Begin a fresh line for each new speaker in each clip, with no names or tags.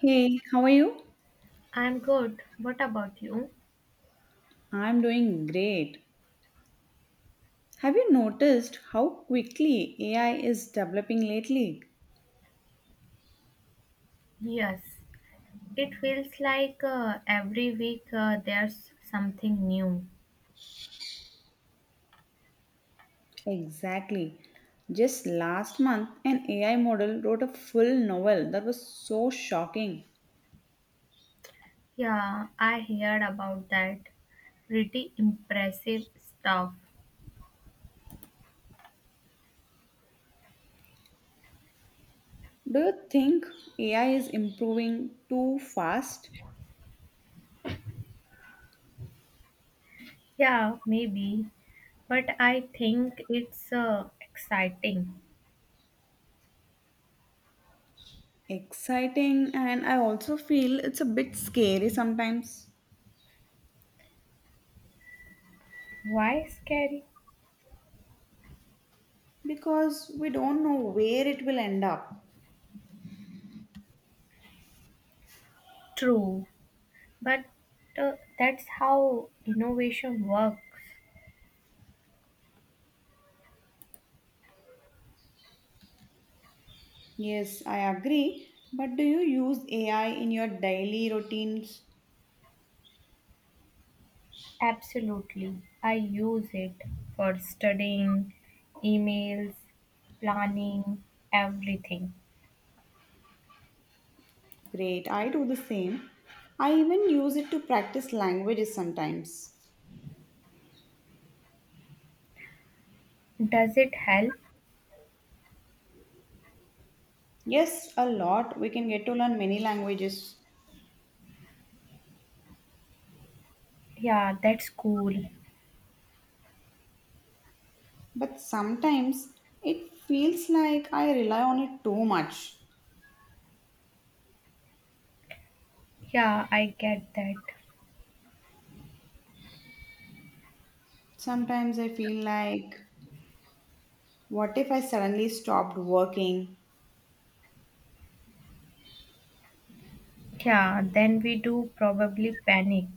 Hey, how are you?
I'm good. What about you?
I'm doing great. Have you noticed how quickly AI is developing lately?
Yes, it feels like every week there's something new.
Exactly. Just last month, an AI model wrote a full novel that was so shocking.
Yeah, I heard about that. Pretty impressive stuff.
Do you think AI is improving too fast?
Yeah, maybe, but I think it's exciting.
Exciting, and I also feel it's a bit scary sometimes
Why scary?
because we don't know where it will end up.
True, but that's how innovation works.
Yes, I agree. But do you use AI in your daily routines?
Absolutely. I use it for studying, emails, planning, everything.
Great, I do the same. I even use it to practice languages sometimes.
Does it help?
Yes, a lot. We can get to learn many languages.
Yeah, that's cool.
But sometimes it feels like I rely on it too much.
Yeah, I get that.
Sometimes I feel like, what if I suddenly stopped working?
Yeah, then we do probably panic.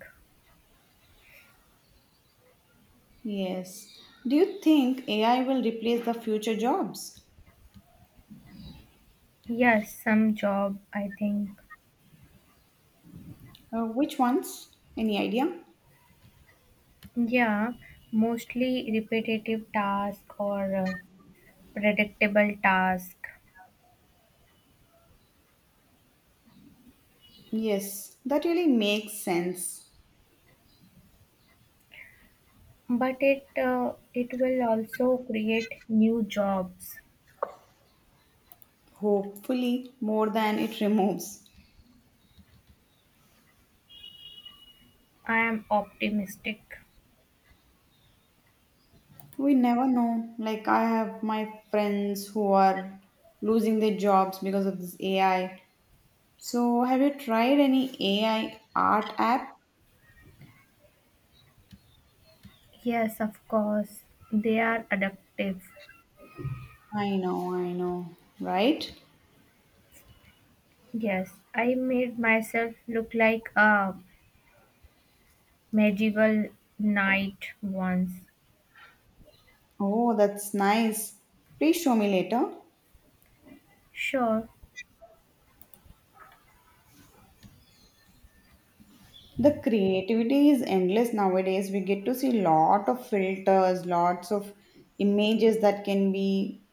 Yes. Do you think AI will replace the future jobs?
Yes, some job, I think.
Which ones? Any idea?
Yeah, mostly repetitive task or predictable task.
Yes, that really makes sense.
But it will also create new jobs.
Hopefully, more than it removes.
I am optimistic.
We never know. Like, I have my friends who are losing their jobs because of this AI. So, have you tried any AI art app?
Yes, of course. They are adaptive.
I know, right?
Yes, I made myself look like a medieval knight once.
Oh, that's nice. Please show me later.
Sure.
The creativity is endless nowadays. We get to see lot of filters, lots of images that can be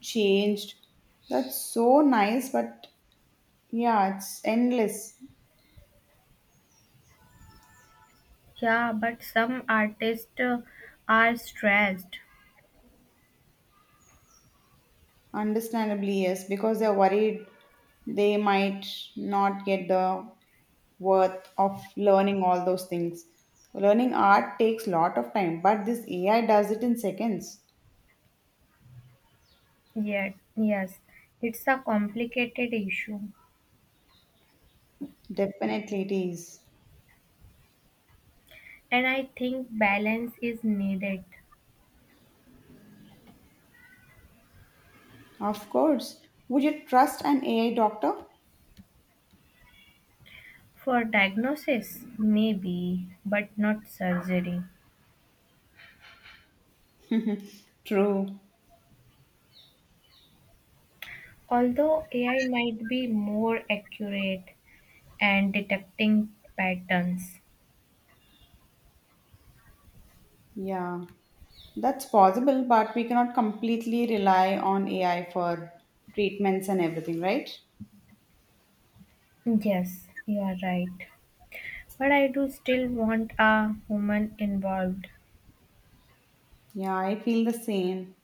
changed. That's so nice, but yeah, it's endless.
Yeah, but some artists are stressed.
Understandably, yes, because they're worried they might not get the worth of learning all those things. Learning art takes lot of time, but this AI does it in seconds.
Yeah, yes. It's a complicated issue.
Definitely it is.
And I think balance is needed.
Of course. Would you trust an AI doctor?
For diagnosis, maybe, but not surgery.
True.
Although AI might be more accurate and detecting patterns.
Yeah. That's possible, but we cannot completely rely on AI for treatments and everything, right?
Yes, you are right. But I do still want a human involved.
Yeah, I feel the same.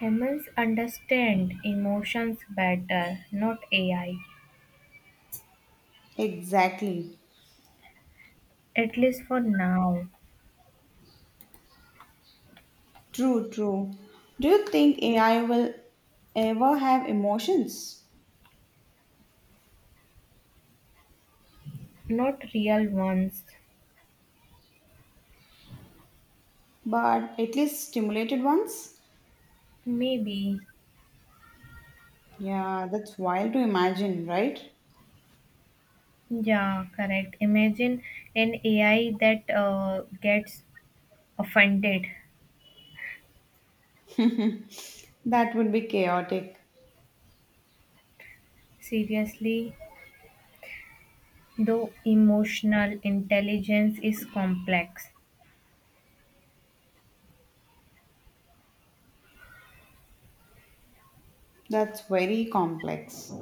Humans understand emotions better, not AI.
Exactly.
At least for now.
True, true. Do you think AI will ever have emotions?
Not real ones.
But at least stimulated ones?
Maybe.
Yeah, that's wild to imagine, right?
Yeah, correct. Imagine an AI that gets offended.
That would be chaotic.
Seriously, though emotional intelligence is complex.
That's very complex.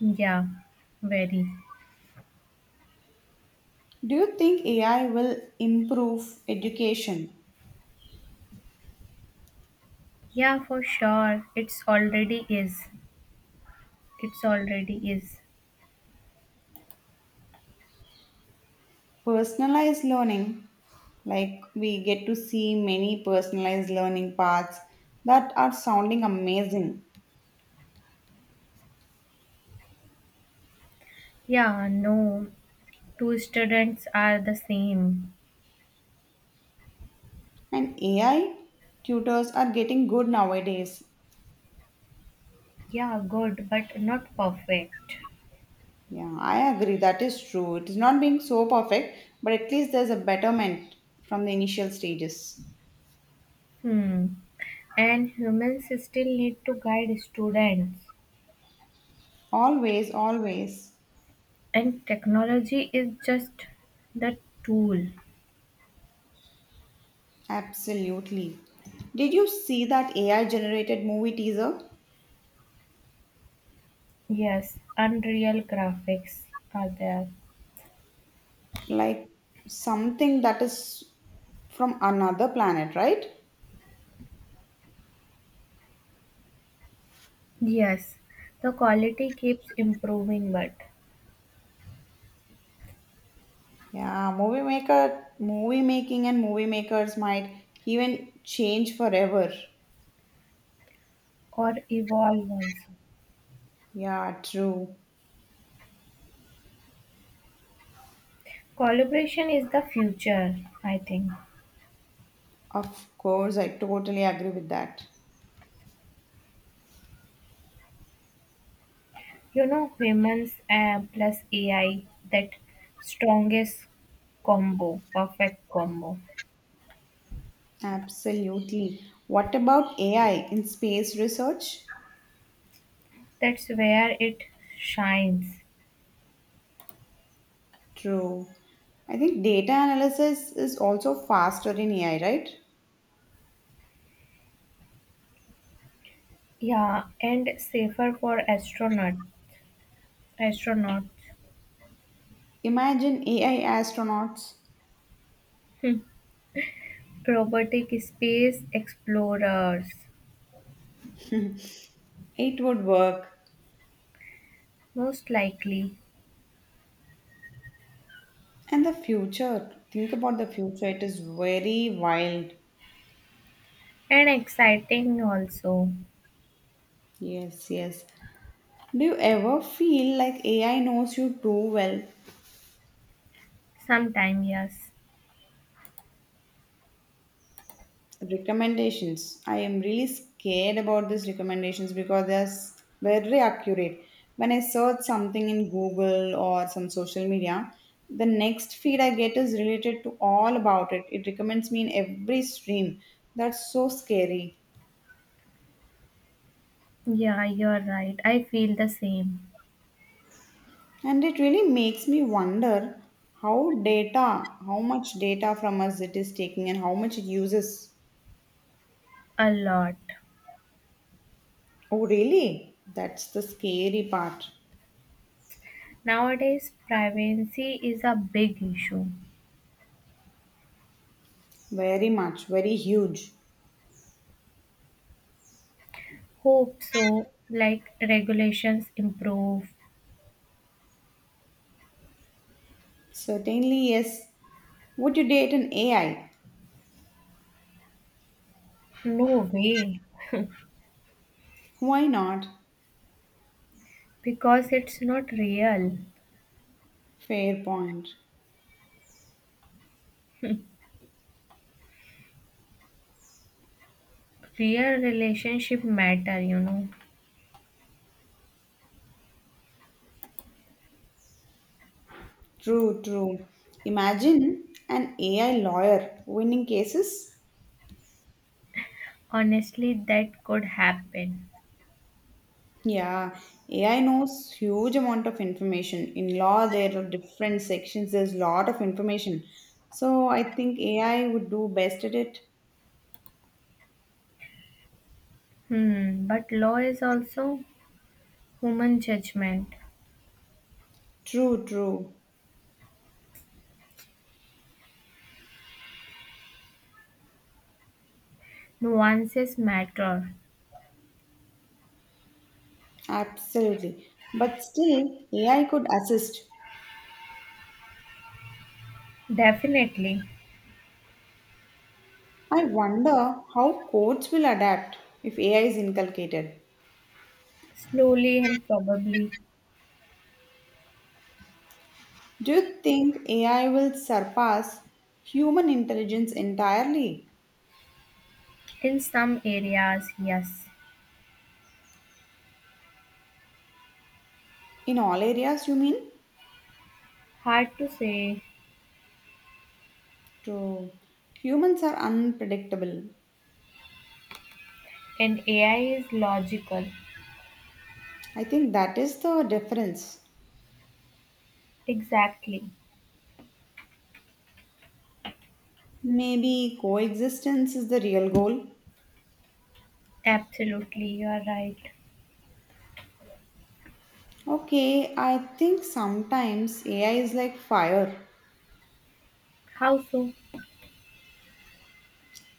Yeah, very.
Do you think AI will improve education?
Yeah, for sure. It's already is. It's already is.
Personalized learning, like we get to see many personalized learning paths that are sounding amazing.
Yeah, no. Two students are the same.
And AI tutors are getting good nowadays.
Yeah, good, but not perfect.
Yeah, I agree. That is true. It is not being so perfect, but at least there's a betterment from the initial stages.
Hmm. And humans still need to guide students.
Always, always.
And technology is just the tool.
Absolutely. Did you see that AI generated movie teaser?
Yes, unreal graphics are there.
Like something that is from another planet, right?
Yes, the quality keeps improving, but
Yeah, movie maker, movie making and movie makers might even change forever.
or evolve also.
Yeah, true.
Collaboration is the future, I think.
Of course, I totally agree with that.
You know, humans plus AI, that strongest combo, perfect combo.
Absolutely. What about AI in space research?
That's where it shines.
True. I think data analysis is also faster in AI, right?
Yeah, and safer for astronauts,
Imagine AI astronauts.
robotic space explorers,
It would work.
most likely,
And the future. Think about the future. It is very wild.
and exciting also.
Yes, yes. Do you ever feel like AI knows you too well?
Sometime, yes.
Recommendations. I am really scared about these recommendations because they're very accurate. When I search something in Google or some social media, the next feed I get is related to all about it. It recommends me in every stream. That's so scary.
Yeah, you're right. I feel the same,
And it really makes me wonder how much data from us it is taking and how much it uses.
a lot.
Oh, really? That's the scary part.
Nowadays, privacy is a big issue.
Very much, very huge.
Hope so, like regulations improve.
Certainly, yes. Would you date an AI?
No way,
Why not?
because it's not real.
Fair point.
Real relationship matter, you know.
True, true. Imagine an AI lawyer winning cases.
Honestly, that could happen.
Yeah, AI knows huge amount of information. In law, there are different sections. There's lot of information. So I think AI would do best at it.
Hmm, but law is also human judgment.
True, true.
Nuances matter.
Absolutely. But still, AI could assist.
Definitely.
I wonder how courts will adapt if AI is inculcated.
Slowly and probably.
Do you think AI will surpass human intelligence entirely?
In some areas, yes.
In all areas, you mean?
Hard to say.
True. Humans are unpredictable.
And AI is logical.
I think that is the difference.
Exactly.
Maybe coexistence is the real goal.
Absolutely, you are right.
Okay, I think sometimes AI is like fire.
How so?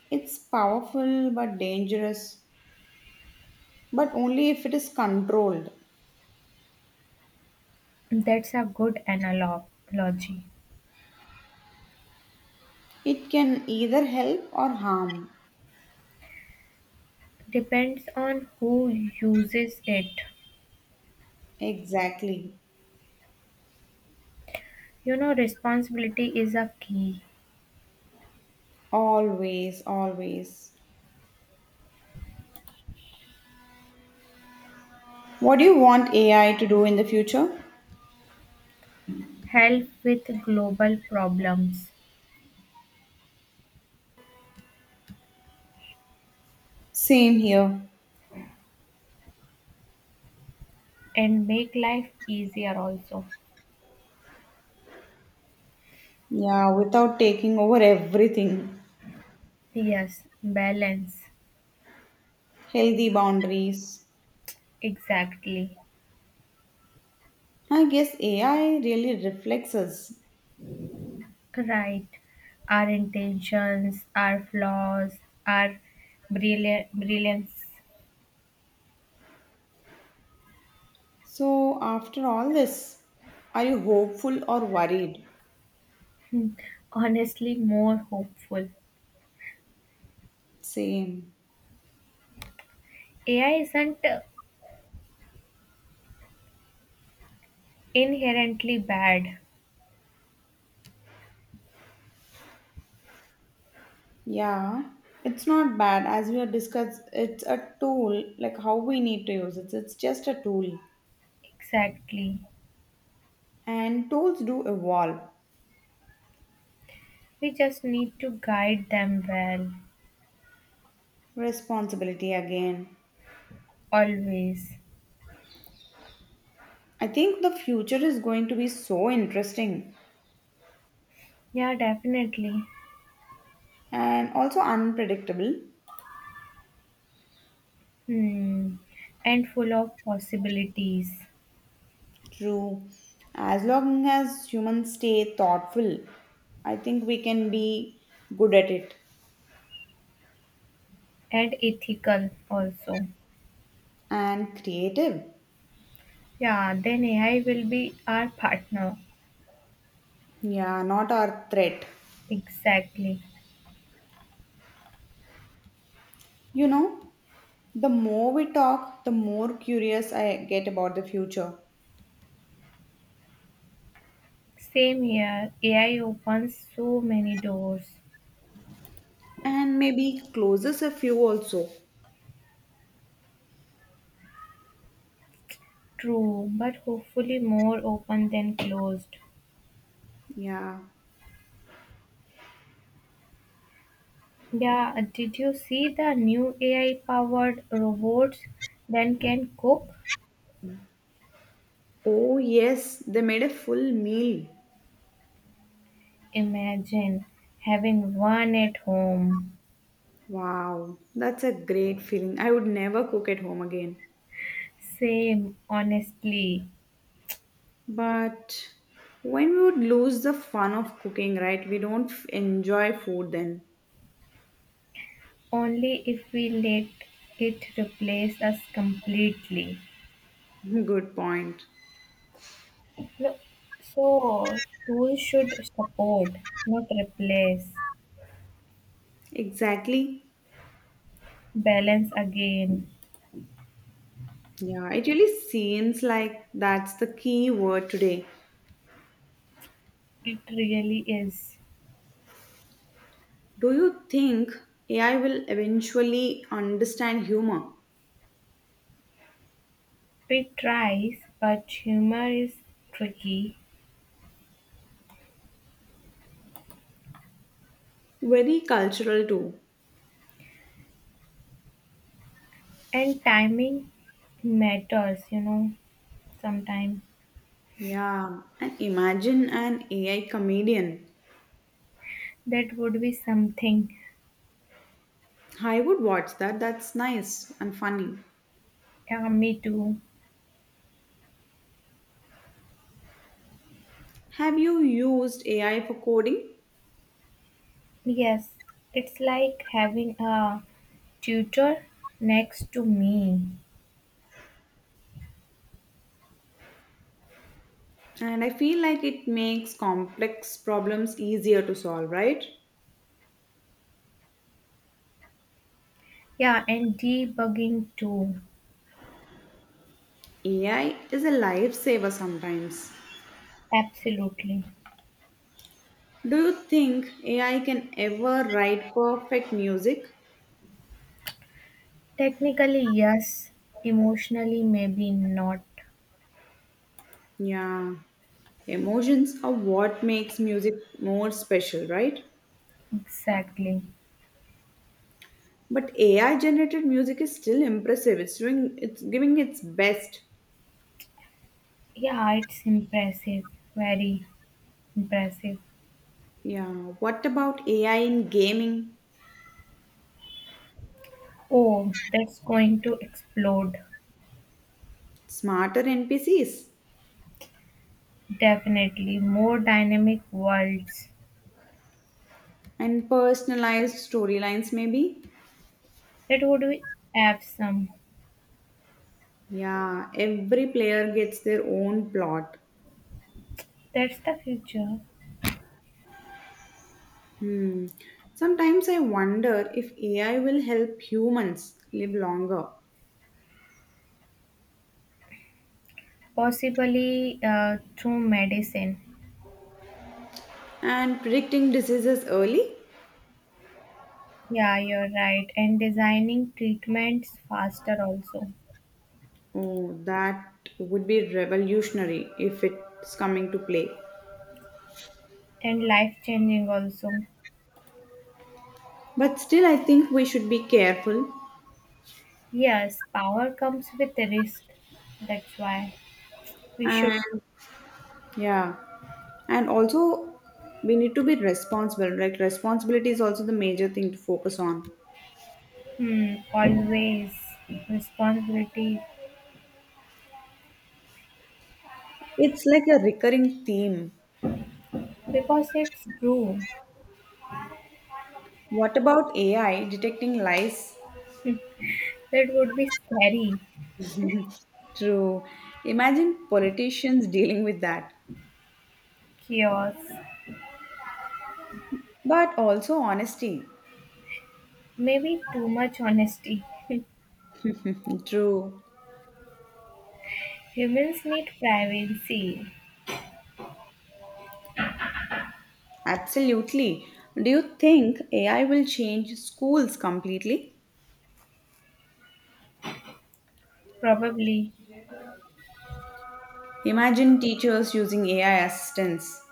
It's powerful but dangerous, but only if it is controlled.
That's a good analogy.
It can either help or harm.
Depends on who uses it.
Exactly.
You know, responsibility is a key.
Always, always. What do you want AI to do in the future?
Help with global problems
Same here.
and make life easier also.
Yeah, without taking over everything.
Yes, balance.
Healthy boundaries.
Exactly.
I guess AI really reflects us.
Right. Our intentions, our flaws, our brilliance.
So, after all this, are you hopeful or worried?
Hmm. Honestly, more hopeful.
Same.
AI isn't inherently bad.
Yeah. It's not bad as we have discussed. It's a tool, like how we need to use it. It's just a tool.
Exactly.
And tools do evolve.
We just need to guide them well.
Responsibility again.
Always.
I think the future is going to be so interesting.
Yeah, definitely.
And also unpredictable.
Hmm. And full of possibilities.
True. As long as humans stay thoughtful, I think we can be good at it
And ethical also.
and creative.
Yeah, then AI will be our partner.
Yeah, not our threat.
Exactly.
You know, the more we talk, the more curious I get about the future.
Same here. AI opens so many doors.
And maybe closes a few also.
True, but hopefully more open than closed.
Yeah.
Yeah, did you see the new AI powered robots that can cook?
Oh, yes, they made a full meal.
Imagine having one at home.
Wow, that's a great feeling. I would never cook at home again.
Same, honestly.
But when we would lose the fun of cooking, right? We don't enjoy food then.
Only if we let it replace us completely.
Good point.
No, so tools should support, not replace.
Exactly.
Balance again.
Yeah, it really seems like that's the key word today.
It really is.
Do you think AI will eventually understand humor?
Pete tries, but humor is tricky,
Very cultural too.
and timing matters, you know, sometimes.
Yeah, and imagine an AI comedian.
That would be something.
I would watch that. That's nice and funny.
Yeah, me too.
Have you used AI for coding?
Yes, it's like having a tutor next to me.
And I feel like it makes complex problems easier to solve, right?
Yeah, and debugging too.
AI is a lifesaver sometimes.
Absolutely.
Do you think AI can ever write perfect music?
Technically, yes. Emotionally, maybe not
Yeah, emotions are what makes music more special, right?
exactly.
But AI generated music is still impressive. It's giving its best.
Yeah, it's impressive. Very. Impressive.
Yeah, what about AI in gaming?
Oh, that's going to explode.
Smarter NPCs
Definitely. More dynamic worlds.
and personalized storylines maybe?
That would be awesome.
Yeah, every player gets their own plot.
That's the future.
Hmm. Sometimes I wonder if AI will help humans live longer
Possibly through medicine.
and predicting diseases early.
Yeah, you're right. And designing treatments faster also.
Oh, that would be revolutionary if it's coming to play.
And life changing also.
But still, I think we should be careful
Yes, power comes with the risk. That's why we should
and yeah, and also we need to be responsible. Like, responsibility is also the major thing to focus on.
hmm, always responsibility
It's like a recurring theme.
because it's true.
What about AI detecting lies?
That would be scary.
True. Imagine politicians dealing with that.
Chaos.
But also honesty.
Maybe too much honesty.
True.
Humans need privacy.
Absolutely. Do you think AI will change schools completely?
Probably.
Imagine teachers using AI assistants.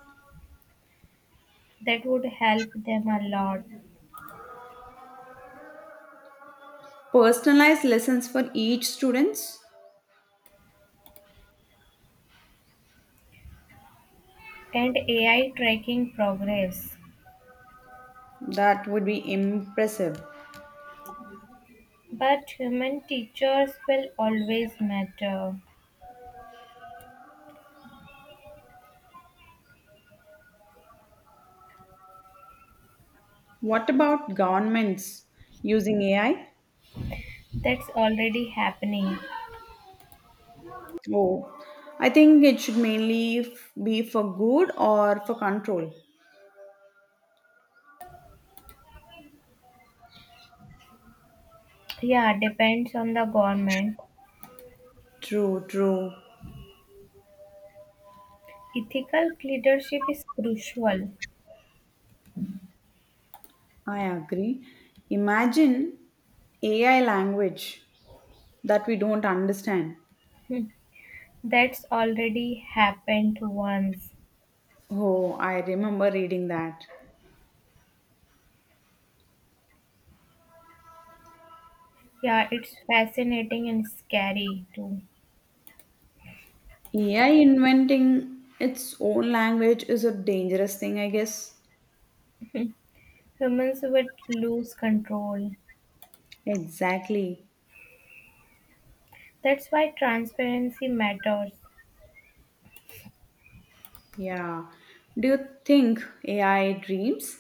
That would help them a lot.
Personalized lessons for each students?
And AI tracking progress.
That would be impressive.
But human teachers will always matter.
What about governments using AI?
That's already happening.
Oh, I think it should mainly be for good or for control.
Yeah, depends on the government.
True, true.
Ethical leadership is crucial.
I agree. Imagine AI language that we don't understand.
That's already happened once.
Oh, I remember reading that.
Yeah, it's fascinating and scary too.
AI inventing its own language is a dangerous thing, I guess.
Humans would lose control.
Exactly.
That's why transparency matters.
Yeah. Do you think AI dreams?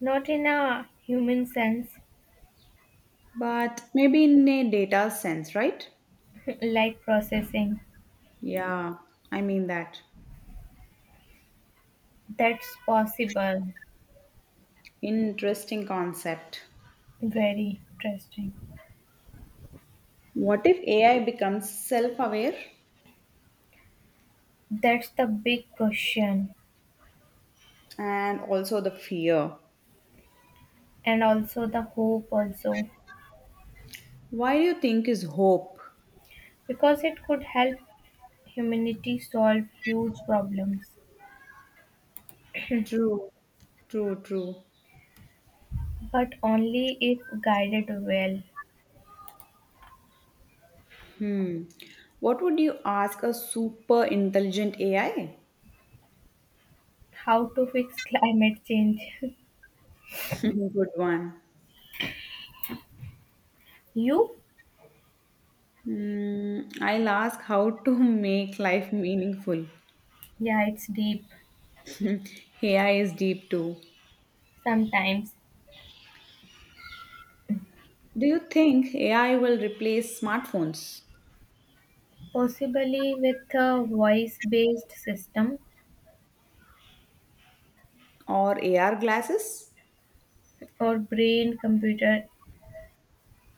Not in a human sense,
But maybe in a data sense, right?
like processing.
Yeah, I mean that.
That's possible.
Interesting concept.
Very interesting.
What if AI becomes self aware?
That's the big question,
And also the fear.
and also the hope, also,
Why do you think is hope?
because it could help humanity solve huge problems,
True, true, true.
but only if guided well.
What would you ask a super intelligent AI?
How to fix climate change?
Good one.
you?
Mm, I'll ask how to make life meaningful.
Yeah, it's deep
AI is deep too.
sometimes.
Do you think AI will replace smartphones
Possibly with a voice based system
or AR glasses?
or brain computer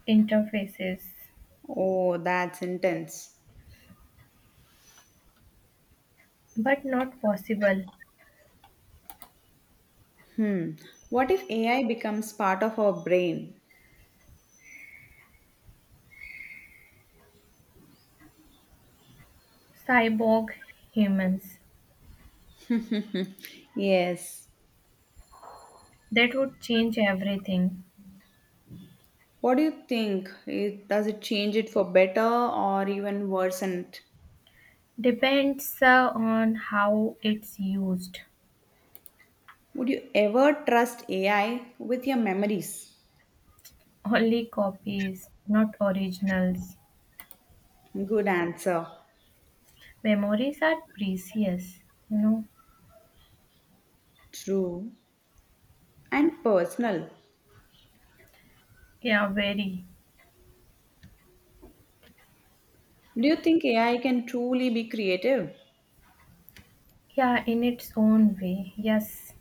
interfaces,
Oh, that's intense.
but not possible.
Hmm. What if AI becomes part of our brain?
Cyborg humans.
Yes.
That would change everything.
What do you think? It, does it change it for better or even worsen it?
Depends on how it's used.
Would you ever trust AI with your memories?
Only copies, not originals.
Good answer.
Memories are precious, you know.
True and personal.
Yeah, very.
Do you think AI can truly be creative?
Yeah, in its own way. Yes,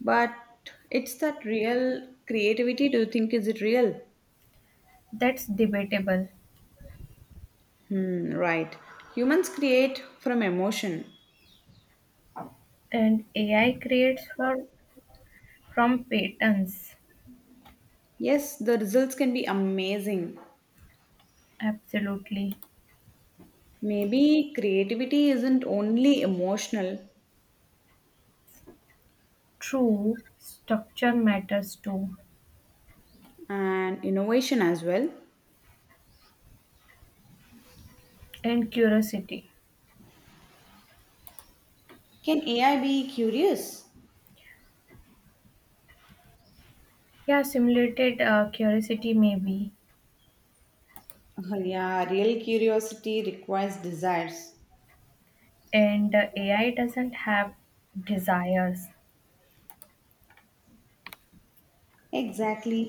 But it's that real creativity. Do you think is it real?
that's debatable.
Hmm, right. Humans create from emotion.
And AI creates for from patterns,
Yes, the results can be amazing.
absolutely
Maybe creativity isn't only emotional,
true structure matters too,
and innovation as well.
and curiosity.
Can AI be curious?
Yeah, simulated curiosity maybe,
Oh yeah, real curiosity requires desires.
and AI doesn't have desires,
Exactly.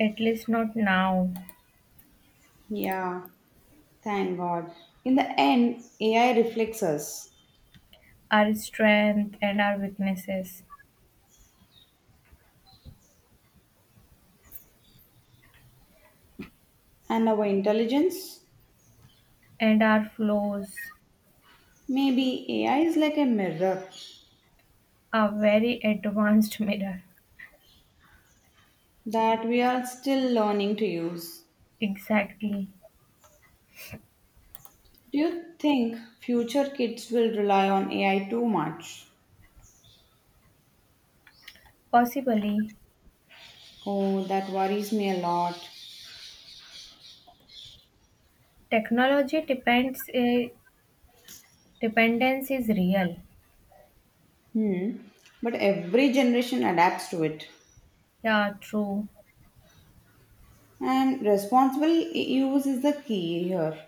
at least not now.
Yeah, thank God. In the end, AI reflects us
Our strength and our weaknesses
and our intelligence.
and our flaws
Maybe AI is like a mirror
are very advanced mirror.
that we are still learning to use.
Exactly.
Do you think future kids will rely on AI too much?
Possibly,
Oh, that worries me a lot.
technology depends. Dependence is real.
Hmm. But every generation adapts to it.
Yeah, true.
And responsible use is the key here.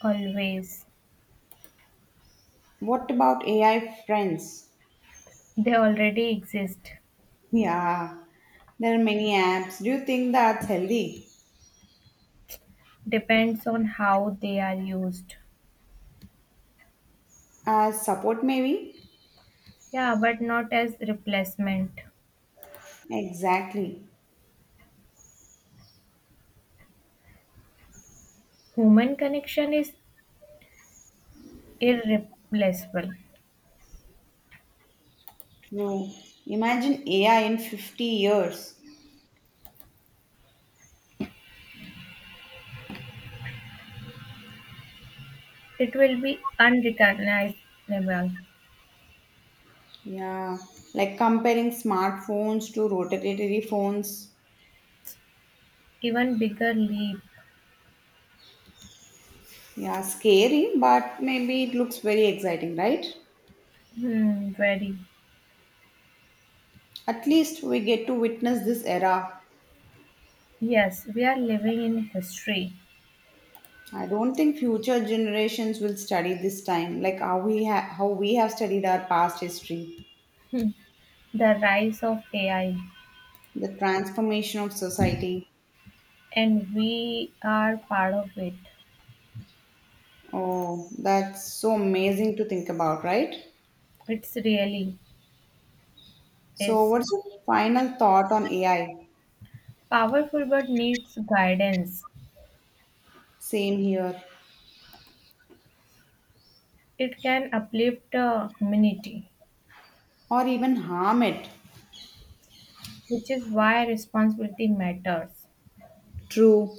Always.
What about AI friends?
They already exist.
Yeah, there are many apps. Do you think that's healthy?
Depends on how they are used.
As support, maybe?
Yeah, but not as replacement.
Exactly.
Human connection is irreplaceable.
True. Imagine AI in 50 years.
It will be unrecognizable.
Yeah, like comparing smartphones to rotatory phones.
Even bigger leap.
Yeah, scary, but maybe it looks very exciting, right?
Hmm, very.
At least we get to witness this era.
Yes, we are living in history.
I don't think future generations will study this time like how we how we have studied our past history,
The rise of AI.
the transformation of society.
And we are part of it.
Oh, that's so amazing to think about, right?
It's really
So,
is
what's your final thought on AI?
powerful but needs guidance.
Same here,
It can uplift the community,
or even harm it?
which is why responsibility matters.
True.